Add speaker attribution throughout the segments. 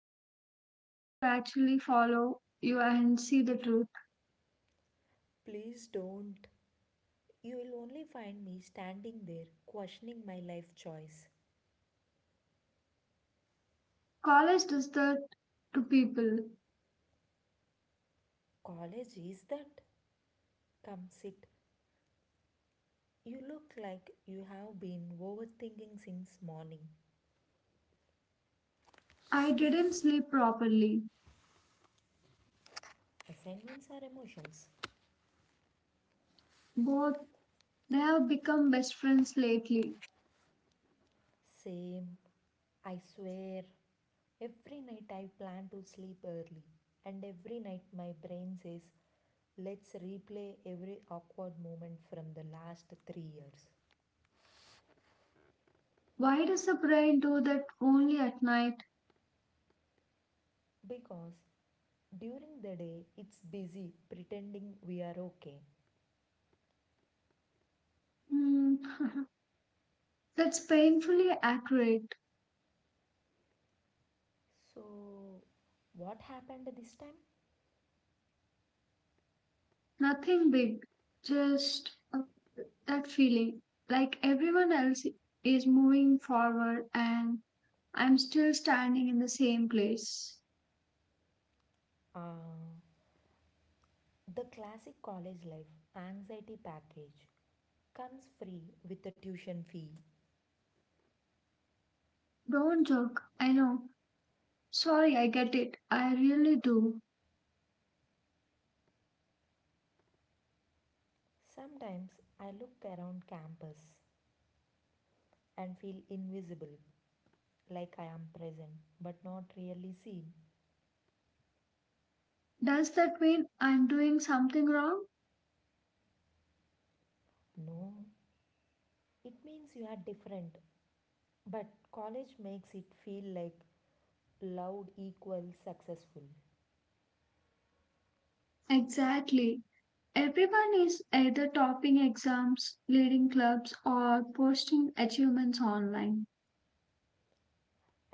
Speaker 1: One day I'm going to actually follow you and see the truth.
Speaker 2: Please don't. You will only find me standing there questioning my life choice.
Speaker 1: College does that to people.
Speaker 2: College is that? Come sit. You look like you have been overthinking since morning.
Speaker 1: I didn't sleep properly.
Speaker 2: Assignments are emotions.
Speaker 1: Both they have become best friends lately.
Speaker 2: Same. I swear. Every night I plan to sleep early, and every night my brain says, let's replay every awkward moment from the last 3 years.
Speaker 1: Why does the brain do that only at night?
Speaker 2: Because during the day, it's busy pretending we are okay.
Speaker 1: Hmm, that's painfully accurate.
Speaker 2: So, what happened this time?
Speaker 1: Nothing big, just that feeling like everyone else is moving forward and I'm still standing in the same place.
Speaker 2: Uh, the classic college life anxiety package comes free with the tuition fee.
Speaker 1: Don't joke, I know. Sorry, I get it. I really do.
Speaker 2: Sometimes I look around campus and feel invisible, like I am present but not really seen.
Speaker 1: Does that mean I'm doing something wrong?
Speaker 2: No, it means you are different, but college makes it feel like loud equals successful.
Speaker 1: Exactly. Everyone is either topping exams, leading clubs, or posting achievements online.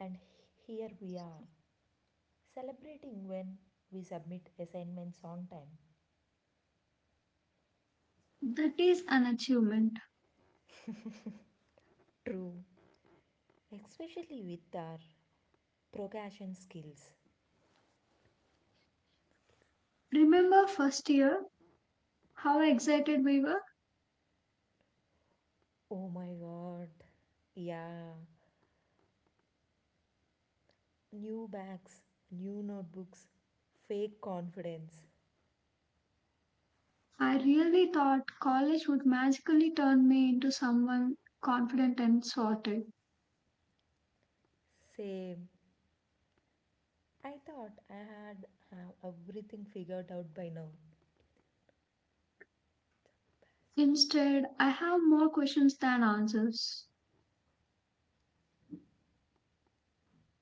Speaker 2: And h- Here we are, celebrating when we submit assignments on time.
Speaker 1: That is an achievement.
Speaker 2: True, especially with our procrastination skills.
Speaker 1: Remember first year? How excited we were?
Speaker 2: Oh my god. Yeah, new bags, new notebooks, fake confidence.
Speaker 1: I really thought college would magically turn me into someone confident and sorted.
Speaker 2: Same. I thought I had have everything figured out by now.
Speaker 1: Instead, I have more questions than answers.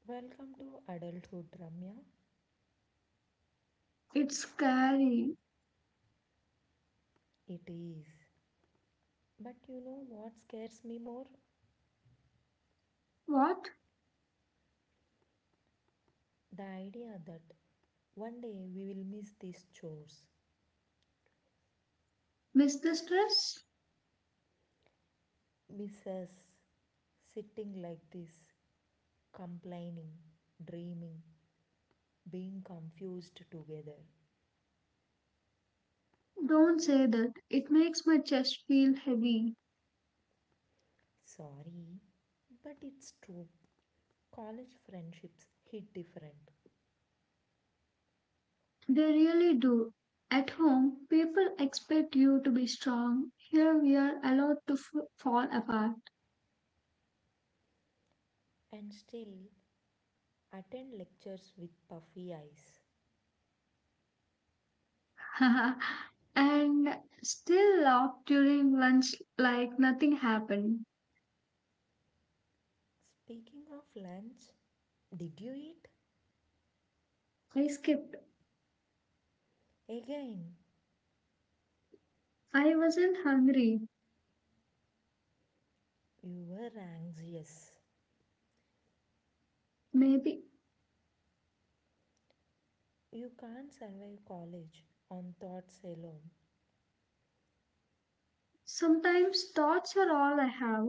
Speaker 2: Welcome to adulthood, Ramya.
Speaker 1: It's scary.
Speaker 2: It is. But you know what scares me more?
Speaker 1: What?
Speaker 2: The idea that one day we will miss these chores.
Speaker 1: Miss the stress?
Speaker 2: Miss us sitting like this, complaining, dreaming, being confused together.
Speaker 1: Don't say that. It makes my chest feel heavy.
Speaker 2: Sorry, but it's true. College friendships hit different
Speaker 1: They really do. At home, people expect you to be strong. Here we are allowed to fall apart.
Speaker 2: and still attend lectures with puffy eyes.
Speaker 1: and still laugh during lunch like nothing happened.
Speaker 2: Speaking of lunch, did you eat?
Speaker 1: I skipped.
Speaker 2: Again,
Speaker 1: I wasn't hungry.
Speaker 2: you were anxious.
Speaker 1: Maybe.
Speaker 2: You can't survive college on thoughts alone.
Speaker 1: Sometimes thoughts are all I have.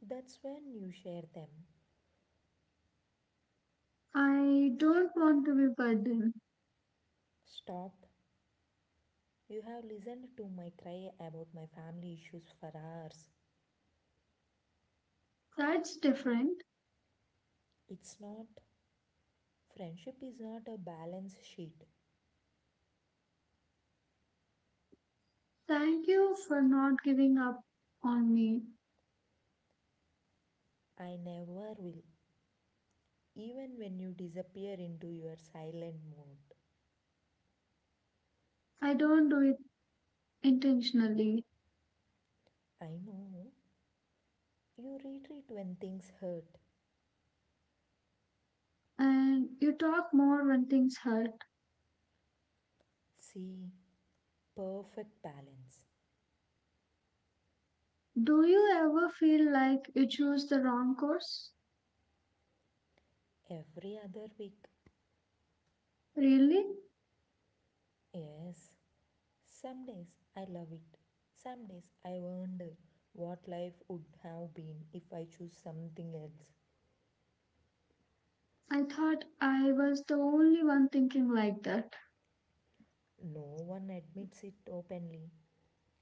Speaker 2: That's when you share them.
Speaker 1: I don't want to be burdened.
Speaker 2: Stop. You have listened to my cry about my family issues for hours.
Speaker 1: That's different.
Speaker 2: It's not. Friendship is not a balance sheet.
Speaker 1: Thank you for not giving up on me.
Speaker 2: I never will. Even when you disappear into your silent mode,
Speaker 1: I don't do it intentionally.
Speaker 2: I know you retreat when things hurt.
Speaker 1: And you talk more when things hurt.
Speaker 2: See, perfect balance.
Speaker 1: Do you ever feel like you choose the wrong course?
Speaker 2: Every other week,
Speaker 1: Really?
Speaker 2: yes. Some days I love it. Some days I wonder what life would have been if I choose something else.
Speaker 1: I thought I was the only one thinking like that.
Speaker 2: No one admits it openly.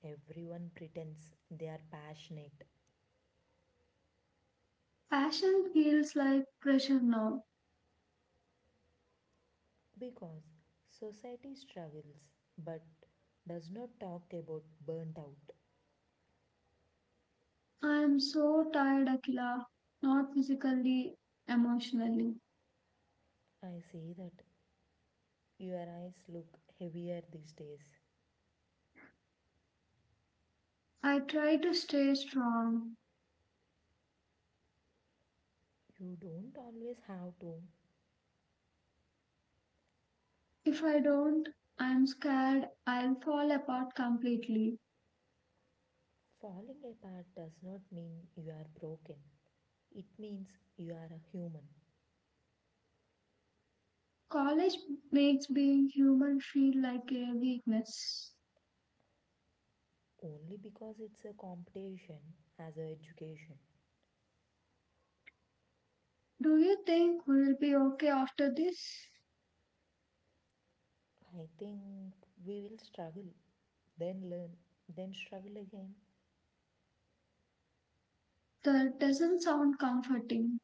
Speaker 2: Everyone pretends they are passionate.
Speaker 1: Passion feels like pressure now.
Speaker 2: Because society struggles but does not talk about burnt out.
Speaker 1: I am so tired, Akila. Not physically, emotionally.
Speaker 2: I say that your eyes look heavier these days.
Speaker 1: I try to stay strong.
Speaker 2: You don't always have to.
Speaker 1: If I don't, I'm scared I'll fall apart completely.
Speaker 2: Falling apart does not mean you are broken, it means you are a human.
Speaker 1: College makes being human feel like a weakness.
Speaker 2: Only because it's a competition as a education.
Speaker 1: Do you think we'll be okay after this?
Speaker 2: I think we will struggle, then learn, then struggle again.
Speaker 1: That doesn't sound comforting.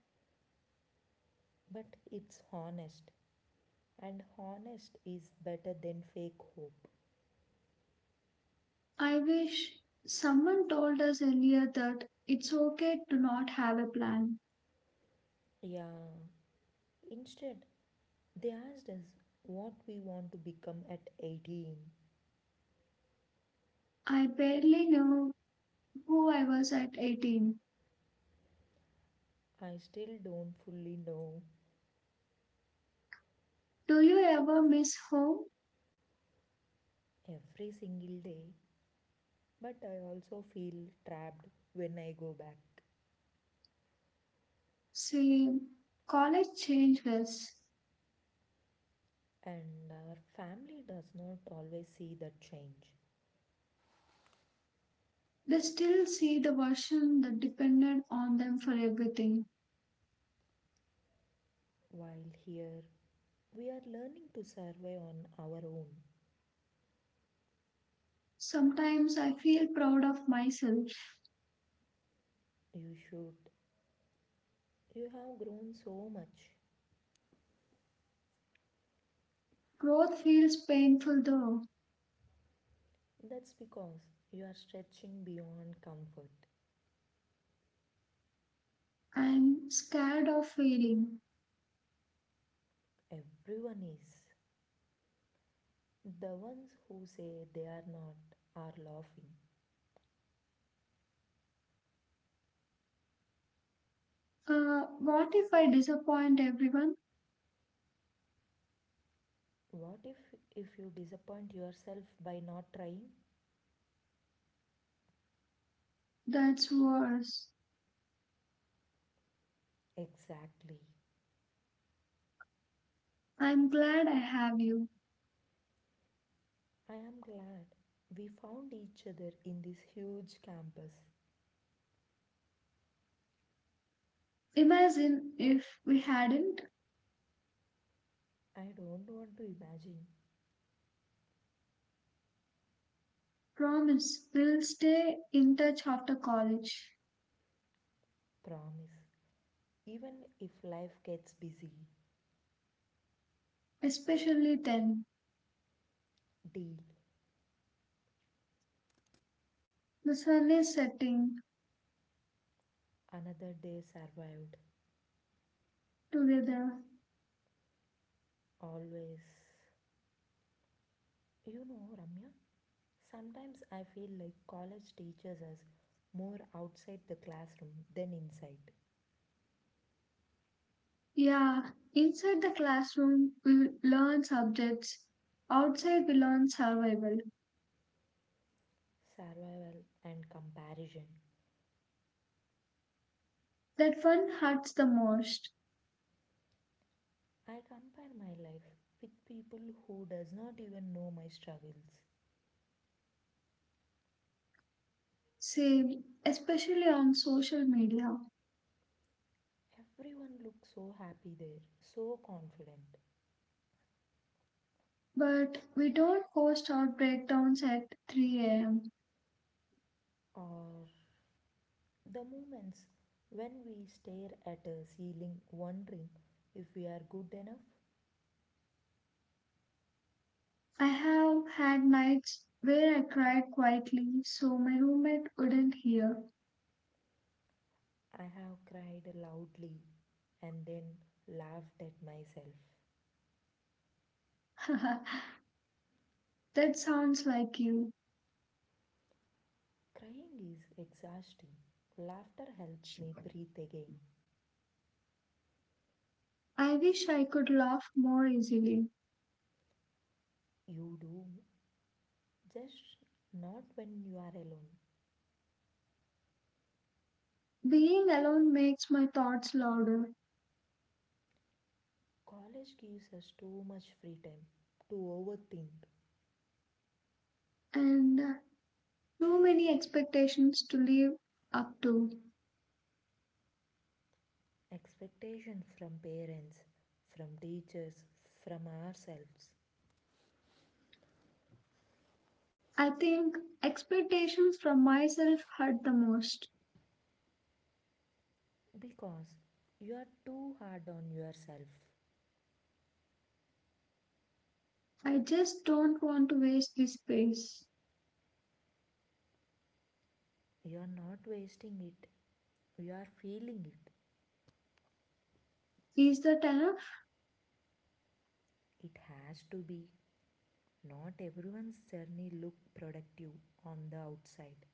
Speaker 2: But it's honest. And honest is better than fake hope.
Speaker 1: I wish someone told us earlier that it's okay to not have a plan.
Speaker 2: Yeah. Instead, they asked us what we want to become at 18.
Speaker 1: I barely knew who I was at 18.
Speaker 2: I still don't fully know
Speaker 1: Do you ever miss home?
Speaker 2: every single day, but I also feel trapped when I go back.
Speaker 1: See, college changed us.
Speaker 2: And our family does not always see that change.
Speaker 1: They still see the version that depended on them for everything.
Speaker 2: While here, we are learning to survive on our own.
Speaker 1: Sometimes I feel proud of myself.
Speaker 2: You should. You have grown so much.
Speaker 1: Growth feels painful though.
Speaker 2: That's because you are stretching beyond comfort.
Speaker 1: I'm scared of failing.
Speaker 2: Everyone is. The ones who say they are not are laughing.
Speaker 1: What if I disappoint everyone?
Speaker 2: What if you disappoint yourself by not trying?
Speaker 1: That's worse.
Speaker 2: Exactly.
Speaker 1: I'm glad I have you.
Speaker 2: I am glad we found each other in this huge campus.
Speaker 1: Imagine if we hadn't.
Speaker 2: I don't want to imagine.
Speaker 1: Promise, we'll stay in touch after college,
Speaker 2: Promise. Even if life gets busy,
Speaker 1: especially then.
Speaker 2: deal.
Speaker 1: The sun is setting
Speaker 2: Another day survived.
Speaker 1: together.
Speaker 2: Always. You know, Ramya, sometimes I feel like college teaches us more outside the classroom than inside.
Speaker 1: Yeah, inside the classroom, we learn subjects. Outside, we learn survival.
Speaker 2: Survival and comparison.
Speaker 1: That one hurts the most,
Speaker 2: I compare my life with people who does not even know my struggles.
Speaker 1: same, especially on social media.
Speaker 2: Everyone looks so happy there, so confident.
Speaker 1: But we don't post our breakdowns at 3 a.m.
Speaker 2: Or the moments when we stare at a ceiling wondering if we are good enough.
Speaker 1: I have had nights where I cried quietly so my roommate wouldn't hear.
Speaker 2: I have cried loudly and then laughed at myself.
Speaker 1: that sounds like you.
Speaker 2: Crying is exhausting. Laughter helps me breathe again.
Speaker 1: I wish I could laugh more easily.
Speaker 2: You do, just not when you are alone.
Speaker 1: Being alone makes my thoughts louder.
Speaker 2: College gives us too much free time to overthink.
Speaker 1: And too many expectations to live up to.
Speaker 2: Expectations from parents, from teachers, from ourselves.
Speaker 1: I think expectations from myself hurt the most.
Speaker 2: Because you are too hard on yourself.
Speaker 1: I just don't want to waste this space.
Speaker 2: You are not wasting it, you are feeling it.
Speaker 1: Is that enough?
Speaker 2: It has to be. Not everyone's journey look productive on the outside.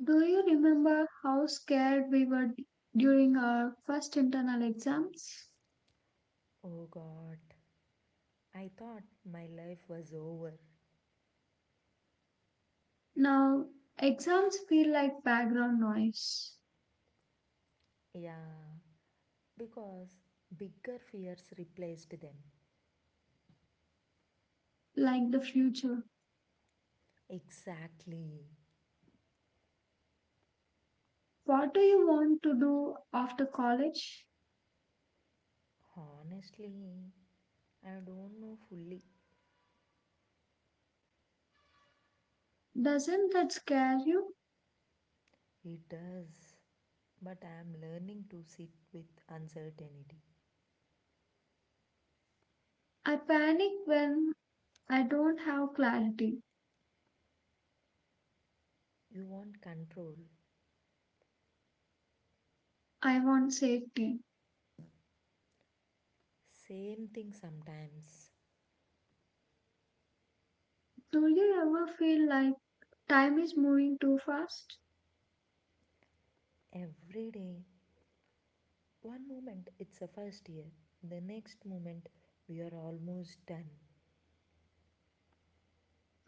Speaker 1: Do you remember how scared we were during our first internal exams?
Speaker 2: Oh god, I thought my life was over.
Speaker 1: Now, exams feel like background noise,
Speaker 2: Yeah, because bigger fears replaced them.
Speaker 1: like the future.
Speaker 2: Exactly.
Speaker 1: What do you want to do after college?
Speaker 2: Honestly, I don't know fully.
Speaker 1: Doesn't that scare you?
Speaker 2: It does, but I am learning to sit with uncertainty.
Speaker 1: I panic when I don't have clarity.
Speaker 2: You want control.
Speaker 1: I want safety.
Speaker 2: Same thing sometimes.
Speaker 1: Do you ever feel like time is moving too fast?
Speaker 2: Every day. One moment it's a first year, the next moment we are almost done.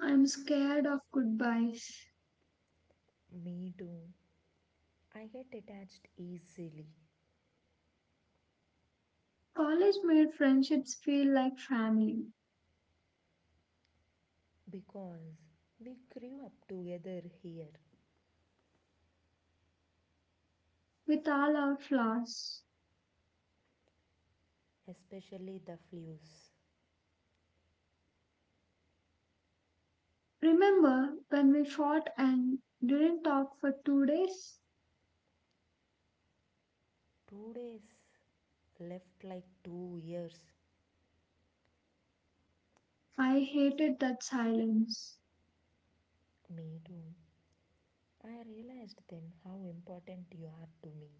Speaker 1: I'm scared of goodbyes.
Speaker 2: Me too. I get attached easily
Speaker 1: College made friendships feel like family,
Speaker 2: because we grew up together here,
Speaker 1: with all our flaws.
Speaker 2: especially the flews.
Speaker 1: Remember when we fought and didn't talk for 2 days?
Speaker 2: 2 days left like 2 years.
Speaker 1: I hated that silence.
Speaker 2: Me too. I realized then how important you are to me.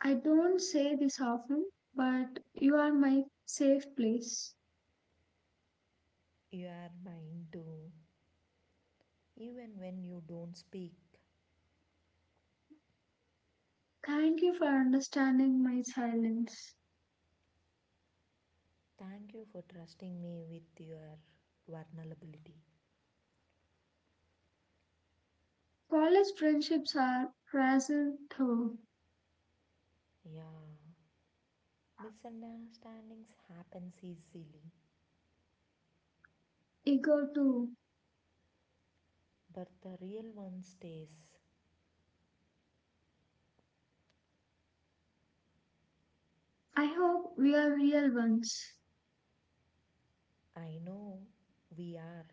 Speaker 1: I don't say this often, but you are my safe place.
Speaker 2: You are mine too, even when you don't speak.
Speaker 1: Thank you for understanding my silence.
Speaker 2: Thank you for trusting me with your vulnerability.
Speaker 1: College friendships are fragile though,
Speaker 2: Yeah, misunderstandings happen easily,
Speaker 1: eager too.
Speaker 2: but the real one stays.
Speaker 1: I hope we are real ones.
Speaker 2: I know we are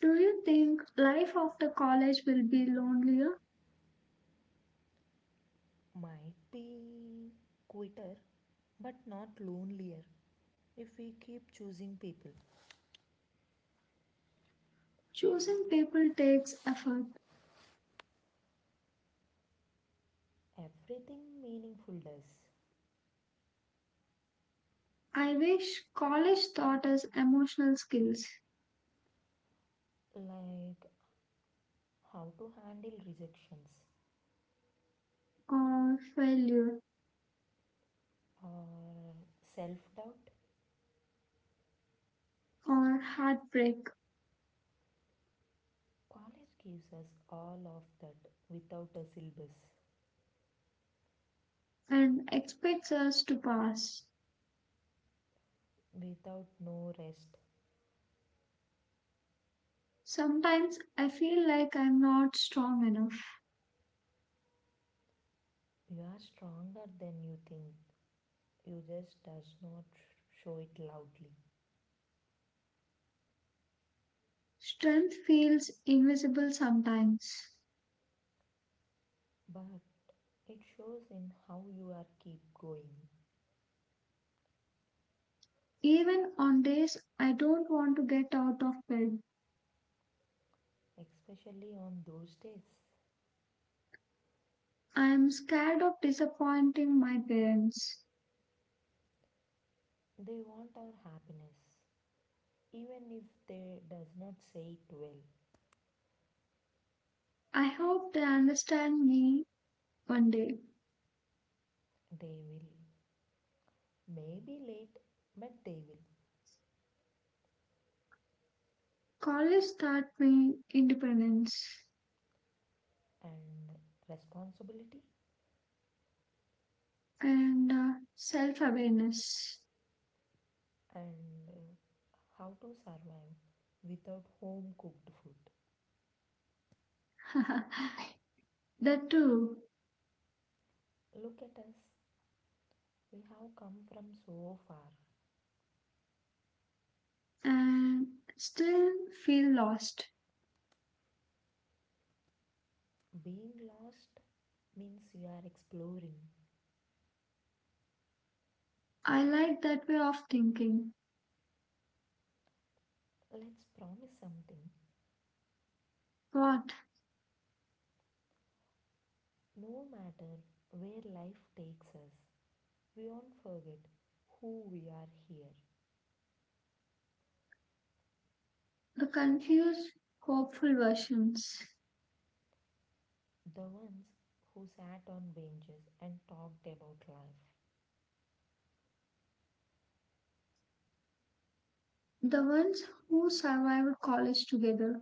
Speaker 1: Do you think life after college will be lonelier?
Speaker 2: might be quieter but not lonelier if we keep choosing people.
Speaker 1: Choosing people takes effort.
Speaker 2: Everything meaningful does,
Speaker 1: I wish college taught us emotional skills
Speaker 2: like how to handle rejections
Speaker 1: or failure
Speaker 2: or self doubt.
Speaker 1: or heartbreak
Speaker 2: College gives us all of that without a syllabus,
Speaker 1: and expects us to pass.
Speaker 2: without no rest.
Speaker 1: Sometimes I feel like I'm not strong enough.
Speaker 2: You are stronger than you think, you just does not show it loudly.
Speaker 1: Strength feels invisible sometimes.
Speaker 2: But it shows in how you are keep going,
Speaker 1: Even on days I don't want to get out of bed,
Speaker 2: especially on those days.
Speaker 1: I am scared of disappointing my parents.
Speaker 2: They want our happiness. Even if they does not say it well,
Speaker 1: I hope they understand me one day.
Speaker 2: they will. Maybe late, but they will.
Speaker 1: College taught me independence
Speaker 2: And responsibility
Speaker 1: and self awareness.
Speaker 2: and how to survive without home cooked food.
Speaker 1: that too,
Speaker 2: Look at us. We have come from so far.
Speaker 1: and still feel lost.
Speaker 2: Being lost means you are exploring.
Speaker 1: I like that way of thinking.
Speaker 2: Let's promise something.
Speaker 1: What?
Speaker 2: No matter where life takes us, we won't forget who we are here.
Speaker 1: The confused, hopeful versions.
Speaker 2: The ones who sat on benches and talked about life.
Speaker 1: The ones who survived college together.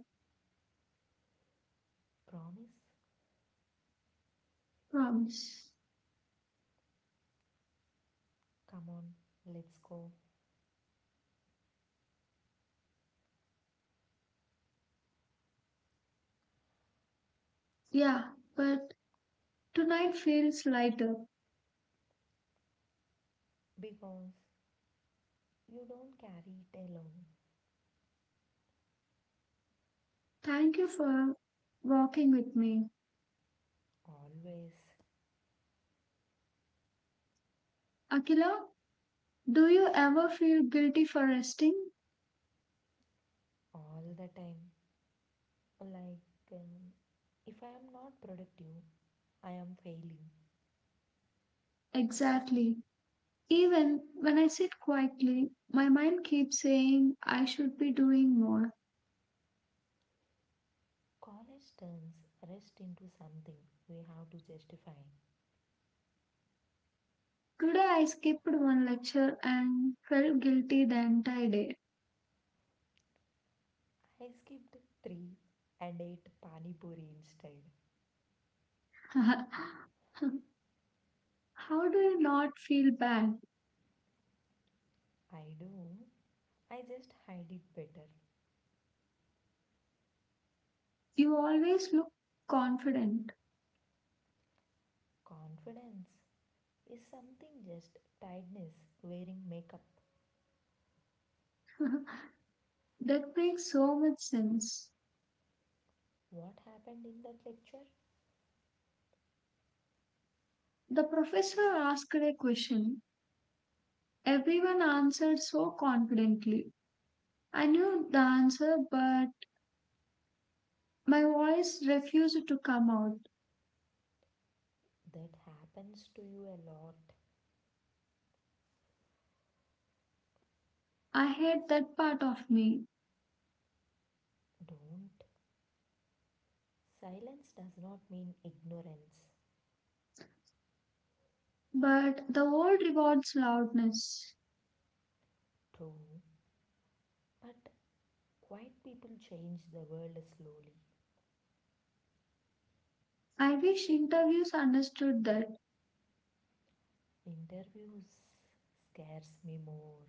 Speaker 2: Promise?
Speaker 1: Promise.
Speaker 2: Come on, let's go.
Speaker 1: Yeah, but tonight feels lighter.
Speaker 2: Because you don't carry it alone.
Speaker 1: Thank you for walking with me.
Speaker 2: Always,
Speaker 1: Akila, do you ever feel guilty for resting?
Speaker 2: all the time. Like, um, if I am not productive, I am failing.
Speaker 1: Exactly. Even when I sit quietly, my mind keeps saying I should be doing more.
Speaker 2: College turns rest into something we have to justify.
Speaker 1: Today I skipped one lecture and felt guilty the entire day.
Speaker 2: I skipped 3 and ate pani puri instead.
Speaker 1: How do you not feel bad?
Speaker 2: I do. I just hide it better.
Speaker 1: You always look confident.
Speaker 2: Confidence is something just tiredness wearing makeup.
Speaker 1: That makes so much sense.
Speaker 2: What happened in that lecture?
Speaker 1: The professor asked a question. Everyone answered so confidently. I knew the answer, but my voice refused to come out.
Speaker 2: That happens to you a lot.
Speaker 1: I hate that part of me,
Speaker 2: Don't. Silence does not mean ignorance.
Speaker 1: but the world rewards loudness.
Speaker 2: True. But quiet people change the world slowly.
Speaker 1: I wish interviews understood that.
Speaker 2: Interviews scares me more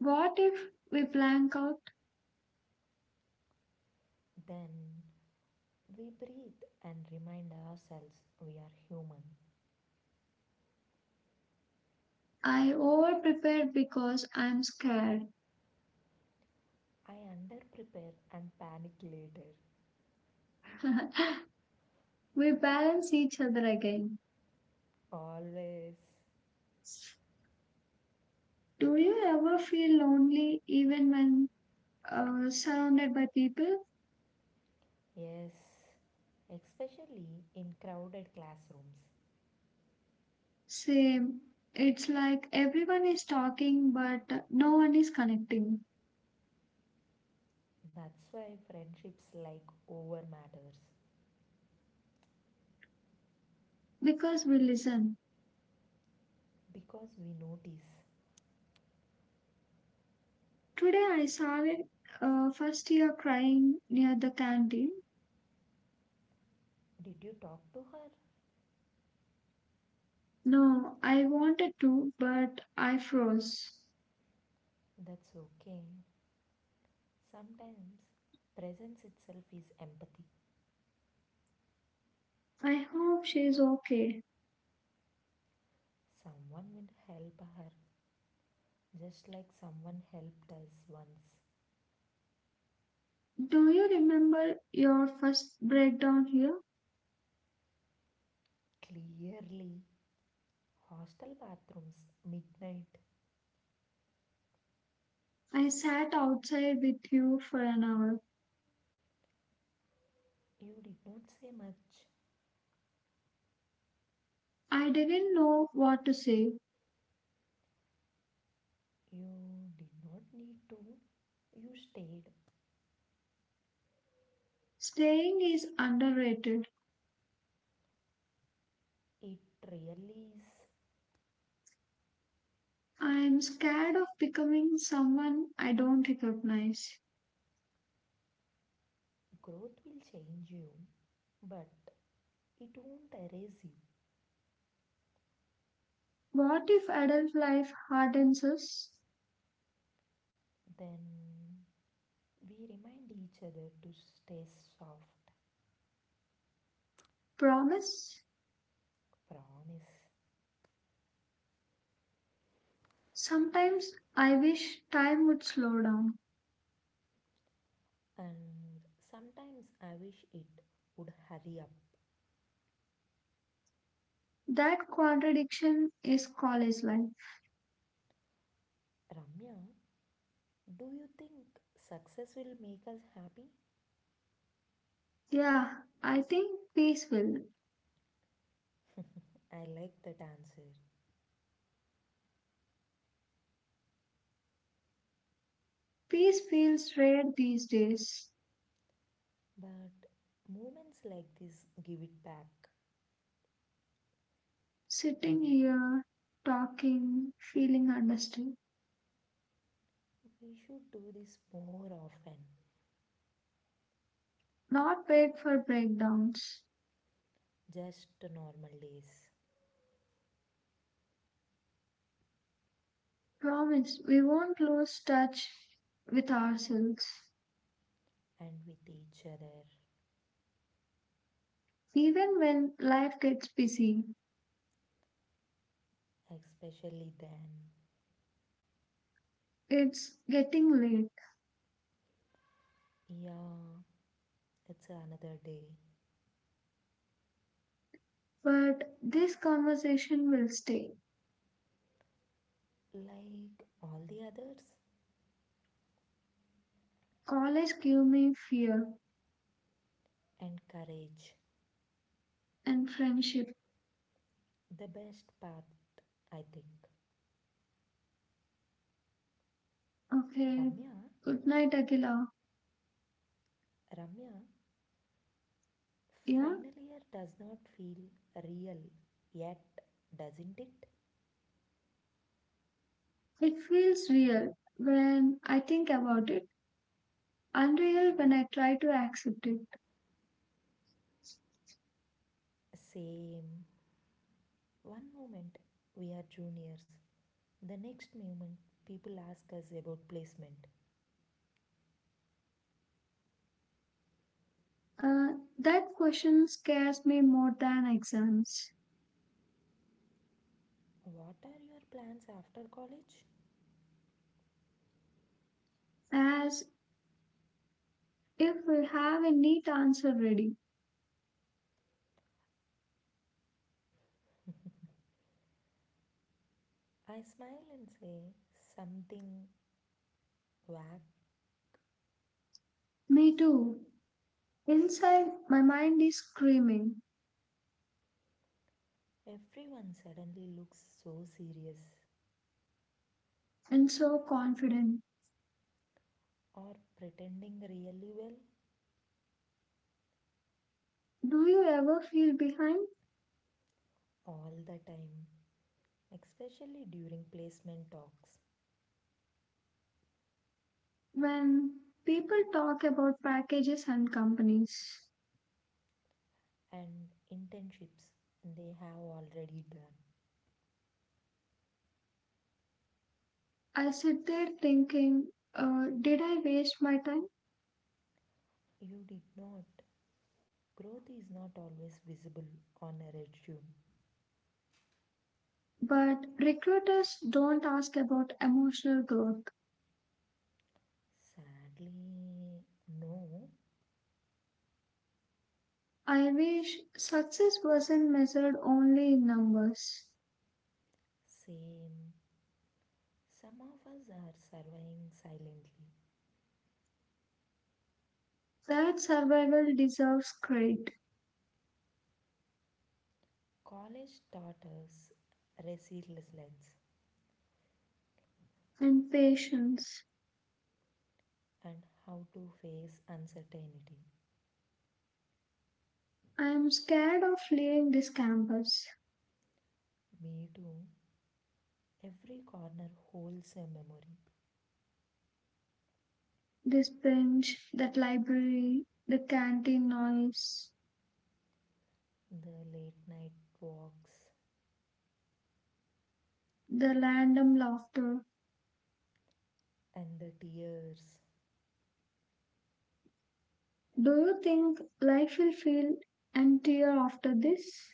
Speaker 1: What if we blank out?
Speaker 2: than we breathe and remind ourselves we are human.
Speaker 1: I over prepared because I'm scared.
Speaker 2: I underprepare and panic later.
Speaker 1: we balance each other again.
Speaker 2: Always.
Speaker 1: Do you ever feel lonely even when surrounded by people.
Speaker 2: Yes. Especially in crowded classrooms.
Speaker 1: Same. It's like everyone is talking, but no one is connecting
Speaker 2: That's why friendships like over matters.
Speaker 1: because we listen.
Speaker 2: Because we notice.
Speaker 1: Today I saw a first year crying near the canteen.
Speaker 2: Did you talk to her?
Speaker 1: No, I wanted to, but I froze.
Speaker 2: That's okay. Sometimes presence itself is empathy.
Speaker 1: I hope she's okay.
Speaker 2: Someone will help her just like someone helped us once.
Speaker 1: Do you remember your first breakdown here?
Speaker 2: Clearly, hostel bathrooms, midnight.
Speaker 1: I sat outside with you for an hour.
Speaker 2: You did not say much.
Speaker 1: I didn't know what to say.
Speaker 2: You did not need to. You stayed.
Speaker 1: Staying is underrated.
Speaker 2: It really is.
Speaker 1: I'm scared of becoming someone I don't recognize.
Speaker 2: Growth will change you, but it won't erase you.
Speaker 1: What if adult life hardens us?
Speaker 2: Then we remind each other to stay soft.
Speaker 1: Promise?
Speaker 2: Promise.
Speaker 1: Sometimes I wish time would slow down.
Speaker 2: And sometimes I wish it would hurry up.
Speaker 1: That contradiction is college life.
Speaker 2: Ramya, do you think success will make us happy?
Speaker 1: Yeah, I think peace will.
Speaker 2: I like that answer.
Speaker 1: Peace feels rare these days.
Speaker 2: But moments like this give it back.
Speaker 1: Sitting here, talking, feeling understood.
Speaker 2: We should do this more often,
Speaker 1: Not wait for breakdowns.
Speaker 2: just normal days
Speaker 1: Promise we won't lose touch with ourselves.
Speaker 2: and with each other,
Speaker 1: Even when life gets busy,
Speaker 2: especially then.
Speaker 1: it's getting late,
Speaker 2: Yeah, it's another day,
Speaker 1: but this conversation will stay.
Speaker 2: like all the others.
Speaker 1: College gave me fear
Speaker 2: And courage,
Speaker 1: and friendship.
Speaker 2: the best part, I think.
Speaker 1: Okay,
Speaker 2: Ramya,
Speaker 1: good night, Akila.
Speaker 2: Ramya,
Speaker 1: Yeah,
Speaker 2: final year does not feel real yet, doesn't it?
Speaker 1: it feels real when I think about it, unreal when I try to accept it.
Speaker 2: Same. One moment we are juniors, the next moment people ask us about placement.
Speaker 1: That question scares me more than exams,
Speaker 2: What are your plans after college?
Speaker 1: as if we have a neat answer ready.
Speaker 2: I smile and say something vague.
Speaker 1: Me too. Inside, my mind is screaming.
Speaker 2: Everyone suddenly looks so serious
Speaker 1: And so confident.
Speaker 2: or pretending really well
Speaker 1: Do you ever feel behind?
Speaker 2: all the time, especially during placement talks
Speaker 1: When people talk about packages and companies,
Speaker 2: and internships they have already done.
Speaker 1: I sit there thinking, did I waste my time?
Speaker 2: You did not. Growth is not always visible on a resume.
Speaker 1: But recruiters don't ask about emotional growth.
Speaker 2: Sadly, no.
Speaker 1: I wish success wasn't measured only in numbers.
Speaker 2: Same. Some of us are surviving silently.
Speaker 1: That survival deserves credit
Speaker 2: College taught us resilience
Speaker 1: and patience.
Speaker 2: and how to face uncertainty.
Speaker 1: I am scared of leaving this campus.
Speaker 2: Me too. Every corner holds a memory.
Speaker 1: This bench, that library, the canteen noise,
Speaker 2: The late night walks
Speaker 1: the random laughter.
Speaker 2: and the tears.
Speaker 1: Do you think life will feel emptier after this?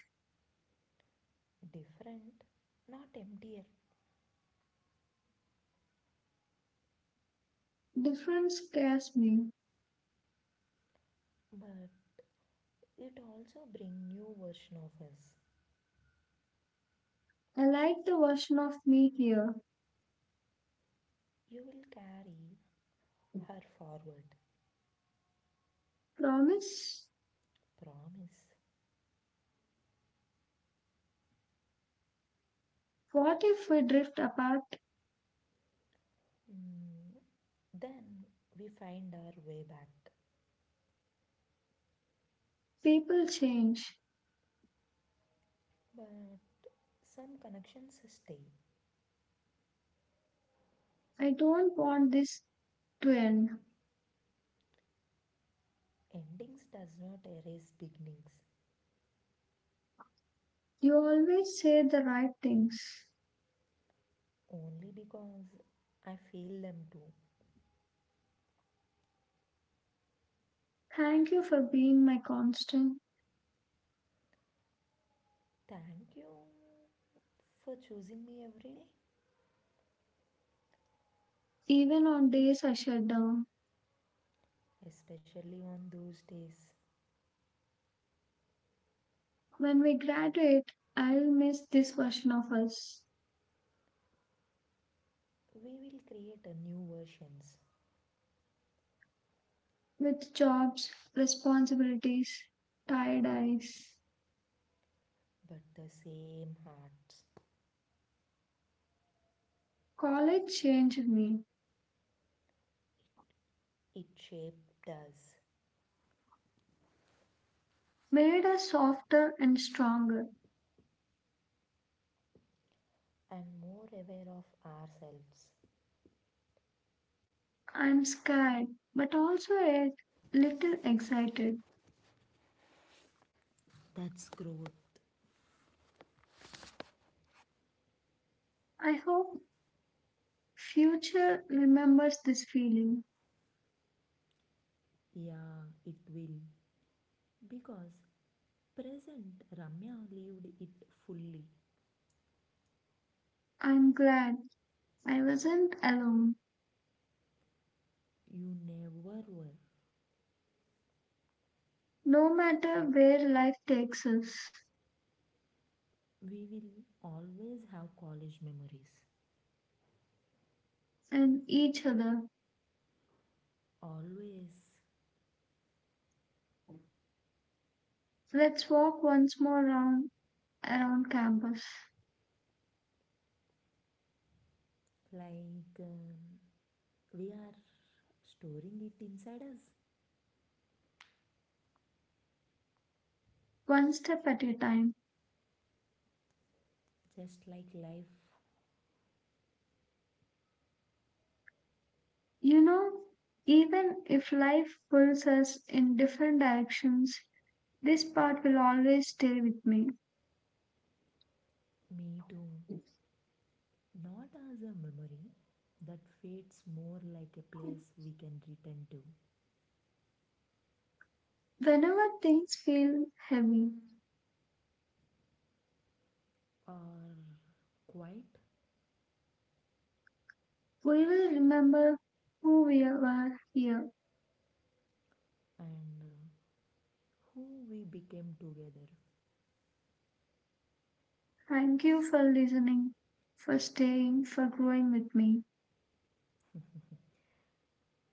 Speaker 2: Different, not emptier,
Speaker 1: Difference scares me.
Speaker 2: but it also brings new version of us.
Speaker 1: I like the version of me here.
Speaker 2: You will carry her forward.
Speaker 1: Promise?
Speaker 2: Promise.
Speaker 1: What if we drift apart?
Speaker 2: Mm, then we find our way back.
Speaker 1: People change.
Speaker 2: But some connections stay.
Speaker 1: I don't want this to end.
Speaker 2: Endings does not erase beginnings,
Speaker 1: You always say the right things.
Speaker 2: only because I feel them too.
Speaker 1: Thank you for being my constant,
Speaker 2: Thank you for choosing me every day,
Speaker 1: even on days I shut down.
Speaker 2: especially on those days.
Speaker 1: When we graduate, I'll miss this version of us
Speaker 2: We will create a new versions,
Speaker 1: with jobs, responsibilities, tired eyes.
Speaker 2: but the same hearts.
Speaker 1: College changed me,
Speaker 2: It shaped us
Speaker 1: made us softer and stronger.
Speaker 2: and more aware of ourselves.
Speaker 1: I'm scared, but also a little excited.
Speaker 2: That's growth.
Speaker 1: I hope future remembers this feeling.
Speaker 2: Yeah, it will. Because present Ramya lived it fully.
Speaker 1: I'm glad I wasn't alone.
Speaker 2: You never were.
Speaker 1: No matter where life takes us
Speaker 2: We will always have college memories.
Speaker 1: and each other,
Speaker 2: Always.
Speaker 1: let's walk once more round around campus,
Speaker 2: Like um, we are storing it inside us.
Speaker 1: one step at a time.
Speaker 2: Just like life,
Speaker 1: You know, even if life pulls us in different directions, this part will always stay with me.
Speaker 2: me too. Not as a memory that fades more like a place we can return to.
Speaker 1: Whenever things feel heavy,
Speaker 2: Or quiet
Speaker 1: we will remember who we were here.
Speaker 2: and who we became together.
Speaker 1: Thank you for listening, for staying, for growing with me.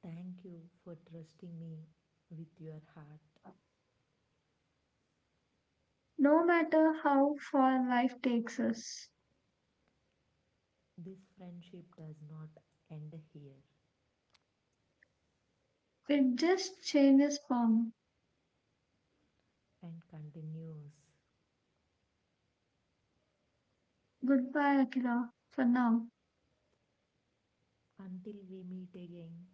Speaker 2: Thank you for trusting me with your heart.
Speaker 1: No matter how far life takes us,
Speaker 2: This friendship does not end here
Speaker 1: it just changes form.
Speaker 2: and continues
Speaker 1: Goodbye, Akira, for now.
Speaker 2: until we meet again.